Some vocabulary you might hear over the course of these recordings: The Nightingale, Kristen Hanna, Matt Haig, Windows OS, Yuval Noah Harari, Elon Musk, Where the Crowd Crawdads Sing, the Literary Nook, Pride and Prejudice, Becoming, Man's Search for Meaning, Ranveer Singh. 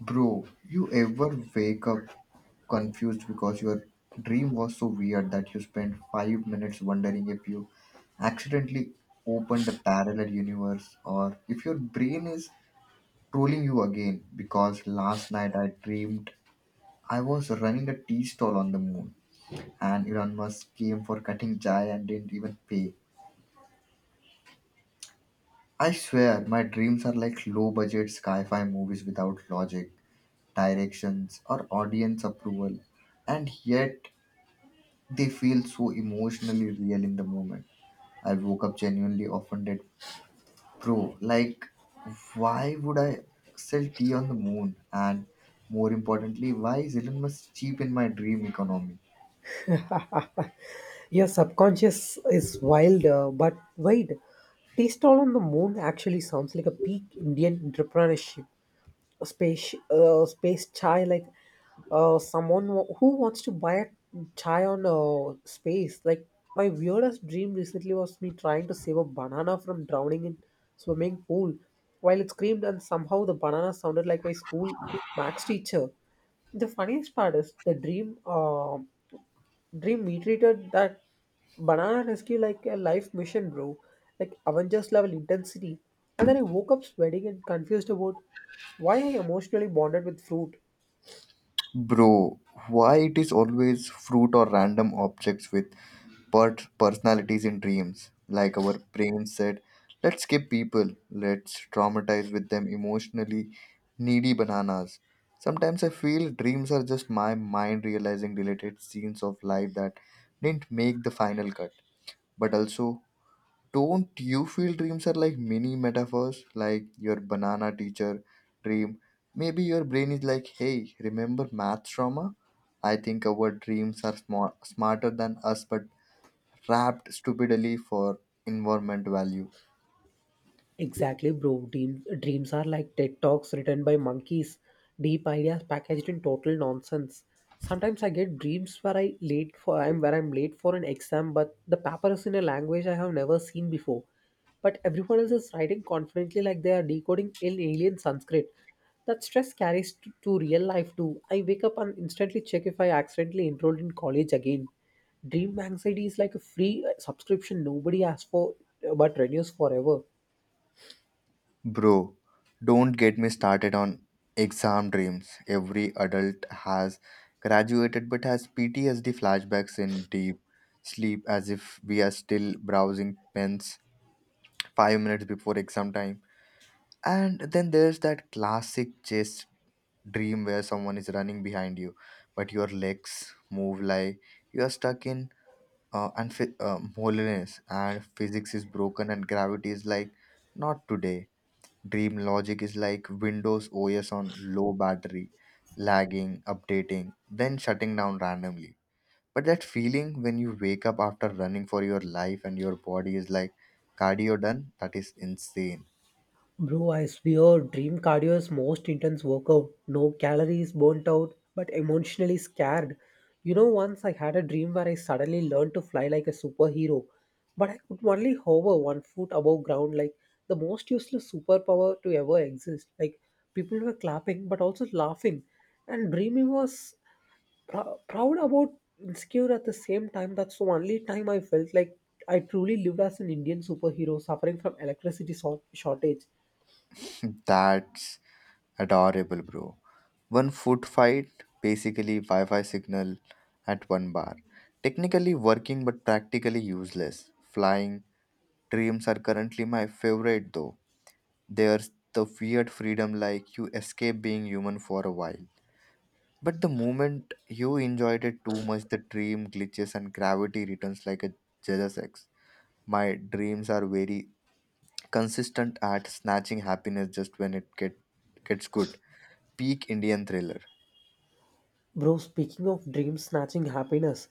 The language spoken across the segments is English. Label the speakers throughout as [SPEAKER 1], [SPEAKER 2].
[SPEAKER 1] Bro, you ever wake up confused because your dream was so weird that you spent 5 minutes wondering if you accidentally opened a parallel universe or if your brain is trolling you again? Because last night I dreamed I was running a tea stall on the moon, and Elon Musk came for cutting chai and didn't even pay. I swear, my dreams are like low budget sci fi movies without logic, directions, or audience approval. And yet, they feel so emotionally real in the moment. I woke up genuinely offended, bro. Like, why would I sell tea on the moon? And more importantly, why is Elon Musk cheap in my dream economy?
[SPEAKER 2] Your subconscious is wild, but wait. Taste All on the Moon actually sounds like a peak Indian entrepreneurship. A space, space chai, like someone who wants to buy a chai on space. Like my weirdest dream recently was me trying to save a banana from drowning in swimming pool, while it screamed and somehow the banana sounded like my school max teacher. The funniest part is the dream. We treated that banana rescue like a life mission, bro. Like Avengers level intensity. And then I woke up sweating and confused about why I emotionally bonded with fruit.
[SPEAKER 1] Bro, why it is always fruit or random objects with personalities in dreams? Like our brain said, let's skip people, let's traumatize with them emotionally, needy bananas. Sometimes I feel dreams are just my mind realizing deleted scenes of life that didn't make the final cut, but also, don't you feel dreams are like mini metaphors? Like your banana teacher dream, maybe your brain is like, hey, remember math trauma? I think our dreams are smart, smarter than us, but wrapped stupidly for environment value.
[SPEAKER 2] Exactly, bro. Dreams are like TED Talks written by monkeys, deep ideas packaged in total nonsense. Sometimes I get dreams where I'm late for an exam, but the paper is in a language I have never seen before. But everyone else is writing confidently like they are decoding in alien Sanskrit. That stress carries to real life too. I wake up and instantly check if I accidentally enrolled in college again. Dream anxiety is like a free subscription nobody asks for but renews forever.
[SPEAKER 1] Bro, don't get me started on exam dreams. Every adult has graduated, but has ptsd flashbacks in deep sleep as if we are still browsing pens 5 minutes before exam time. And then there's that classic chase dream where someone is running behind you, but your legs move like you are stuck in holiness, and physics is broken, and gravity is like, not today. Dream logic is like Windows OS on low battery, lagging, updating, then shutting down randomly. But that feeling when you wake up after running for your life and your body is like, cardio done, that is insane.
[SPEAKER 2] Bro, I swear, Dream Cardio is most intense workout. No calories burnt out, but emotionally scared. You know, once I had a dream where I suddenly learned to fly like a superhero, but I could only hover 1 foot above ground, like the most useless superpower to ever exist. Like people were clapping, but also laughing, and dreaming was proud about insecure at the same time. That's the only time I felt like I truly lived as an Indian superhero suffering from electricity shortage.
[SPEAKER 1] That's adorable, bro. One food fight, basically Wi Fi signal at one bar. Technically working but practically useless. Flying dreams are currently my favorite though. There's the weird freedom, like you escape being human for a while. But the moment you enjoyed it too much, the dream glitches and gravity returns like a jealous ex. My dreams are very consistent at snatching happiness just when it gets good. Peak Indian thriller.
[SPEAKER 2] Bro, speaking of dream snatching happiness,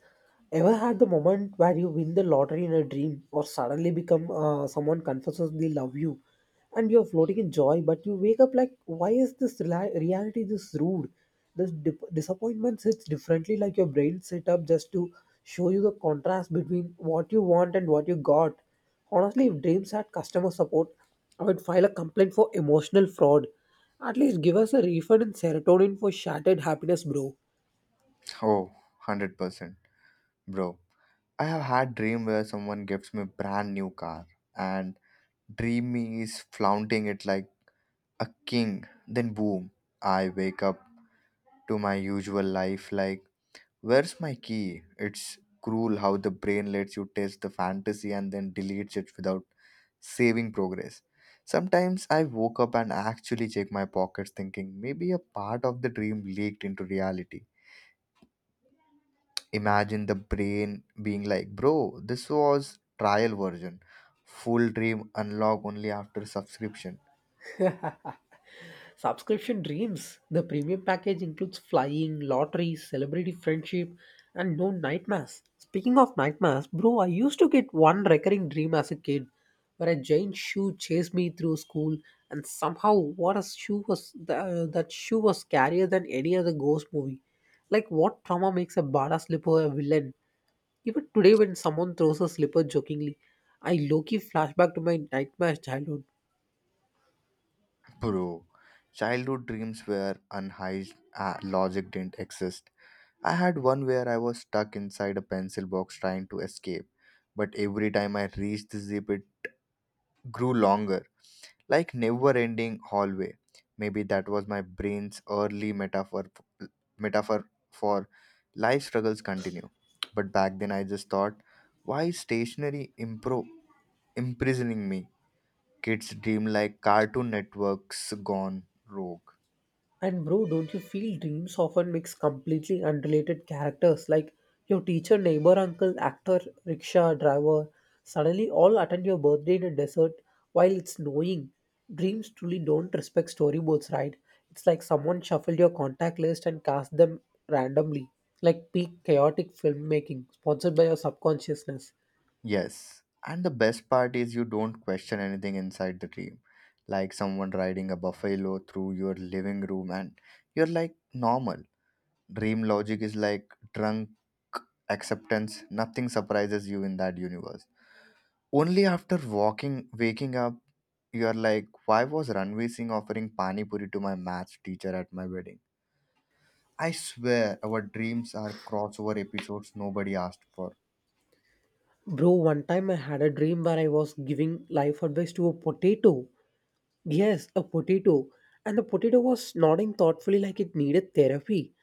[SPEAKER 2] ever had the moment where you win the lottery in a dream or suddenly become someone confesses they love you and you're floating in joy, but you wake up like, why is this reality this rude? This disappointment sits differently, like your brain set up just to show you the contrast between what you want and what you got. Honestly, if dreams had customer support, I would file a complaint for emotional fraud. At least give us a refund in serotonin for shattered happiness, bro.
[SPEAKER 1] Oh, 100%. Bro, I have had dream where someone gives me brand new car, and dream me is flaunting it like a king. Then boom, I wake up to my usual life like, where's my key? It's cruel how the brain lets you test the fantasy and then deletes it without saving progress. Sometimes I woke up and actually check my pockets, thinking maybe a part of the dream leaked into reality. Imagine the brain being like, bro, this was trial version. Full dream unlock only after subscription.
[SPEAKER 2] Subscription dreams. The premium package includes flying, lottery, celebrity friendship, and no nightmares. Speaking of nightmares, bro, I used to get one recurring dream as a kid where a giant shoe chased me through school, and somehow, what a shoe was scarier than any other ghost movie. Like, what trauma makes a badass slipper a villain? Even today, when someone throws a slipper jokingly, I low key flashback to my nightmare childhood.
[SPEAKER 1] Bro, childhood dreams were unhinged. Logic didn't exist. I had one where I was stuck inside a pencil box trying to escape, but every time I reached the zip, it grew longer. Like never-ending hallway. Maybe that was my brain's early metaphor for life struggles continue. But back then I just thought, why is stationery impro imprisoning me? Kids dream like Cartoon Networks gone rogue.
[SPEAKER 2] And bro, don't you feel dreams often mix completely unrelated characters like your teacher, neighbor, uncle, actor, rickshaw driver? Suddenly, all attend your birthday in a desert while it's snowing. Dreams truly don't respect storyboards, right? It's like someone shuffled your contact list and cast them randomly, like peak chaotic filmmaking sponsored by your subconsciousness.
[SPEAKER 1] Yes. And the best part is you don't question anything inside the dream. Like someone riding a buffalo through your living room, and you're like, normal. Dream logic is like drunk acceptance. Nothing surprises you in that universe. Only after waking up, you are like, why was Ranveer Singh offering pani puri to my maths teacher at my wedding? I swear, our dreams are crossover episodes nobody asked for.
[SPEAKER 2] Bro, one time I had a dream where I was giving life advice to a potato. Yes, a potato. And the potato was nodding thoughtfully like it needed therapy.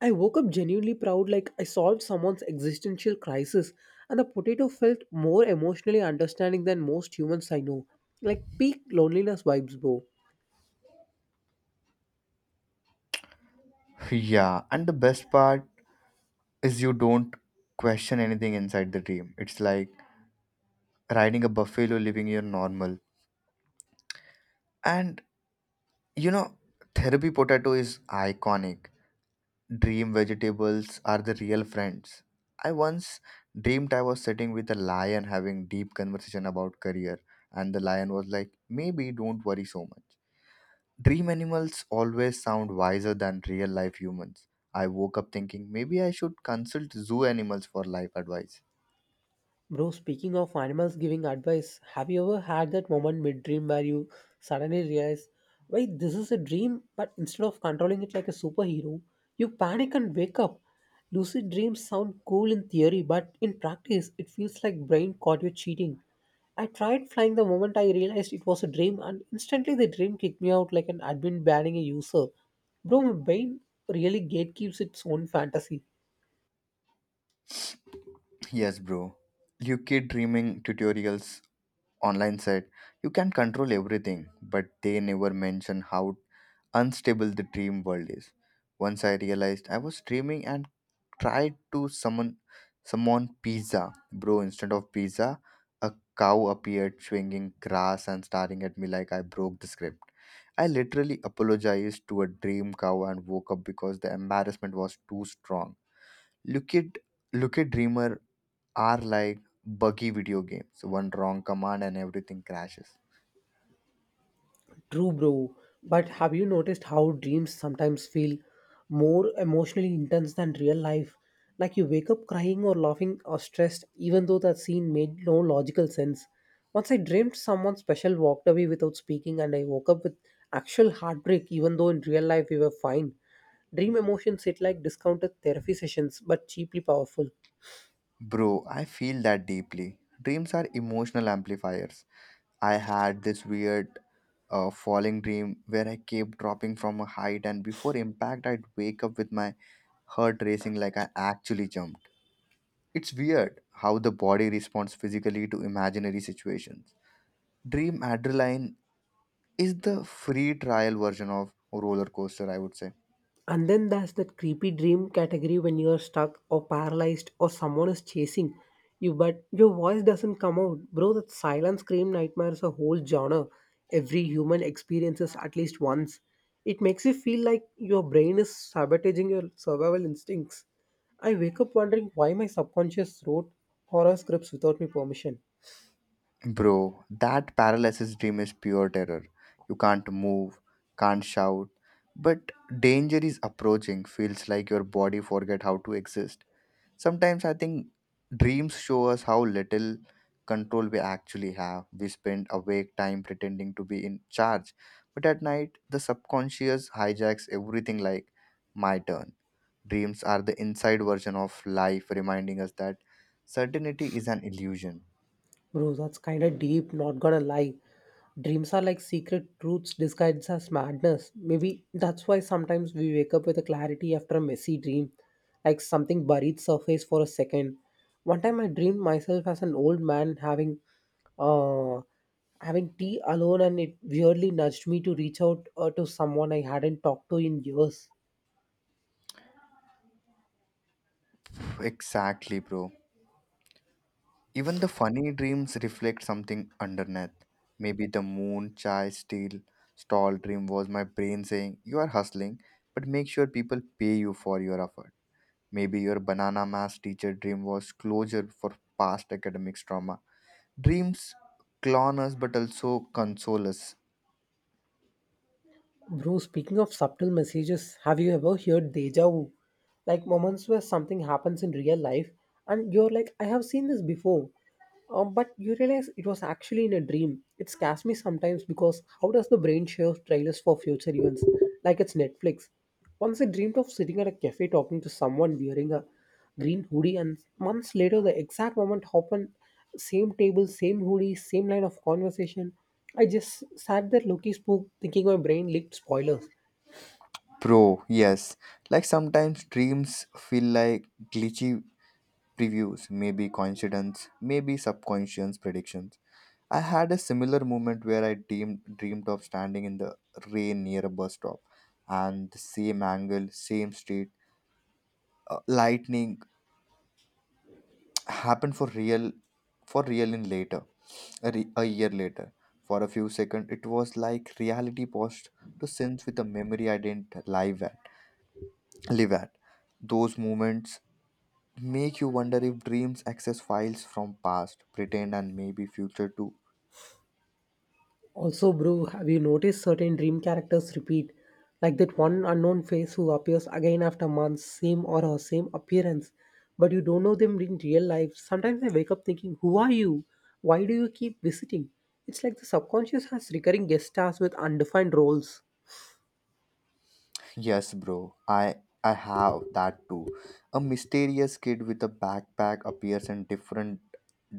[SPEAKER 2] I woke up genuinely proud, like I solved someone's existential crisis. And the potato felt more emotionally understanding than most humans I know. Like peak loneliness vibes, bro.
[SPEAKER 1] Yeah, and the best part is you don't question anything inside the dream. It's like riding a buffalo, living your normal. And you know, Therapy potato is iconic. Dream vegetables are the real friends. I once dreamed I was sitting with a lion having deep conversation about career, and the lion was like, "Maybe don't worry so much." Dream animals always sound wiser than real life humans. I woke up thinking maybe I should consult zoo animals for life advice.
[SPEAKER 2] Bro, speaking of animals giving advice, have you ever had that moment mid dream where you suddenly realize, wait, this is a dream, but instead of controlling it like a superhero, you panic and wake up? Lucid dreams sound cool in theory, but in practice, it feels like brain caught you cheating. I tried flying the moment I realized it was a dream, and instantly the dream kicked me out like an admin banning a user. Bro, my brain really gatekeeps its own fantasy.
[SPEAKER 1] Yes, bro. You kid dreaming tutorials online said, you can control everything, but they never mention how unstable the dream world is. Once I realized I was dreaming and tried to summon pizza. Bro, instead of pizza, a cow appeared swinging grass and staring at me like I broke the script. I literally apologized to a dream cow and woke up because the embarrassment was too strong. Look at look at dreamer are like buggy video games. One wrong command and everything crashes.
[SPEAKER 2] True, bro. But have you noticed how dreams sometimes feel more emotionally intense than real life? Like you wake up crying or laughing or stressed, even though that scene made no logical sense. Once I dreamed someone special walked away without speaking, and I woke up with actual heartbreak, even though in real life we were fine. Dream emotions hit like discounted therapy sessions, but cheaply powerful.
[SPEAKER 1] Bro, I feel that deeply. Dreams are emotional amplifiers. I had this weird falling dream where I kept dropping from a height, and before impact, I'd wake up with my heart racing like I actually jumped. It's weird how the body responds physically to imaginary situations. Dream adrenaline is the free trial version of roller coaster, I would say.
[SPEAKER 2] And then there's that creepy dream category when you're stuck or paralyzed or someone is chasing you, but your voice doesn't come out. Bro, that silent scream nightmare is a whole genre. Every human experiences at least once. It makes you feel like your brain is sabotaging your survival instincts. I wake up wondering why my subconscious wrote horror scripts without my permission.
[SPEAKER 1] Bro, that paralysis dream is pure terror. You can't move, can't shout, but danger is approaching. Feels like your body forget how to exist. Sometimes I think dreams show us how little control we actually have. We spend awake time pretending to be in charge, but at night the subconscious hijacks everything like, my turn. Dreams are the inside version of life reminding us that certainty is an illusion.
[SPEAKER 2] Bro, that's kind of deep, not gonna lie. Dreams are like secret truths disguised as madness. Maybe that's why sometimes we wake up with a clarity after a messy dream, like something buried surface for a second. One time I dreamed myself as an old man having uh having tea alone and it weirdly nudged me to reach out to someone I hadn't talked to in years.
[SPEAKER 1] Exactly, bro. Even the funny dreams reflect something underneath. Maybe the moon chai steel stall dream was my brain saying, you are hustling, but make sure people pay you for your effort. Maybe your banana mass teacher dream was closure for past academics trauma. Dreams clown us but also console us.
[SPEAKER 2] Bro, speaking of subtle messages, have you ever heard deja vu? Like moments where something happens in real life and you're like, I have seen this before. But you realize it was actually in a dream. It scares me sometimes because how does the brain share trailers for future events? Like it's Netflix. Once I dreamed of sitting at a cafe talking to someone wearing a green hoodie, and months later the exact moment happened, same table, same hoodie, same line of conversation. I just sat there looking spook, thinking my brain leaked spoilers.
[SPEAKER 1] Bro, yes. Like sometimes dreams feel like glitchy previews, maybe coincidence, maybe subconscious predictions. I had a similar moment where I dreamed of standing in the rain near a bus stop, and the same angle, same street, lightning happened for real in later, a year later. For a few seconds, it was like reality paused to sync with a memory I didn't live at. Live at. Those moments make you wonder if dreams access files from past, pretend, and maybe future too.
[SPEAKER 2] Also bro, have you noticed certain dream characters repeat, like that one unknown face who appears again after months, same aura, same appearance, but you don't know them in real life. Sometimes I wake up thinking, who are you? Why do you keep visiting? It's like the subconscious has recurring guest stars with undefined roles.
[SPEAKER 1] Yes, bro. I have that too. A mysterious kid with a backpack appears in different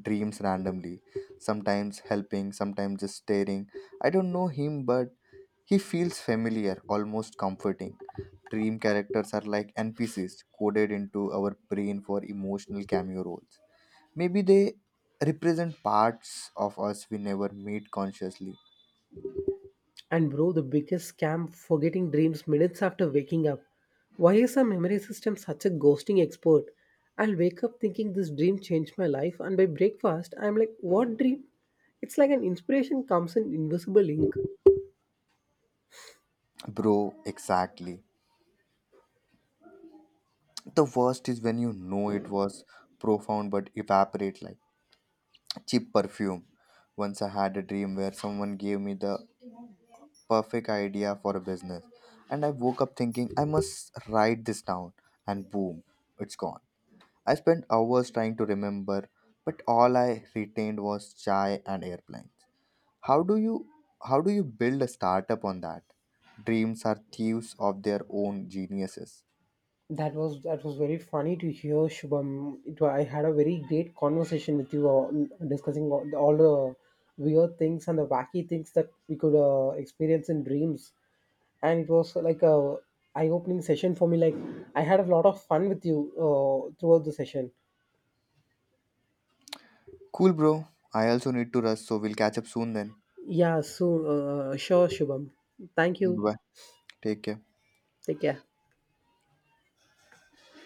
[SPEAKER 1] dreams randomly, sometimes helping, sometimes just staring. I don't know him, but he feels familiar, almost comforting. Dream characters are like NPCs coded into our brain for emotional cameo roles. Maybe they represent parts of us we never meet consciously.
[SPEAKER 2] And bro, the biggest scam, forgetting dreams minutes after waking up. Why is our memory system such a ghosting expert? I'll wake up thinking this dream changed my life, and by breakfast, I'm like, what dream? It's like an inspiration comes in invisible ink.
[SPEAKER 1] Bro, exactly. The worst is when you know it was profound but evaporate like cheap perfume. Once I had a dream where someone gave me the perfect idea for a business, and I woke up thinking I must write this down, and boom, it's gone. I spent hours trying to remember, but all I retained was chai and airplanes. How do you how do you build a startup on that? Dreams are thieves of their own geniuses.
[SPEAKER 2] That was very funny to hear, Shubham. I had a very great conversation with you, discussing all the weird things and the wacky things that we could experience in dreams, and it was like a eye-opening session for me. Like I had a lot of fun with you throughout the session.
[SPEAKER 1] Cool, bro. I also need to rush, so we'll catch up soon then.
[SPEAKER 2] Yeah, so sure, Shubham. Thank you.
[SPEAKER 1] Bye, take care.
[SPEAKER 2] Take care.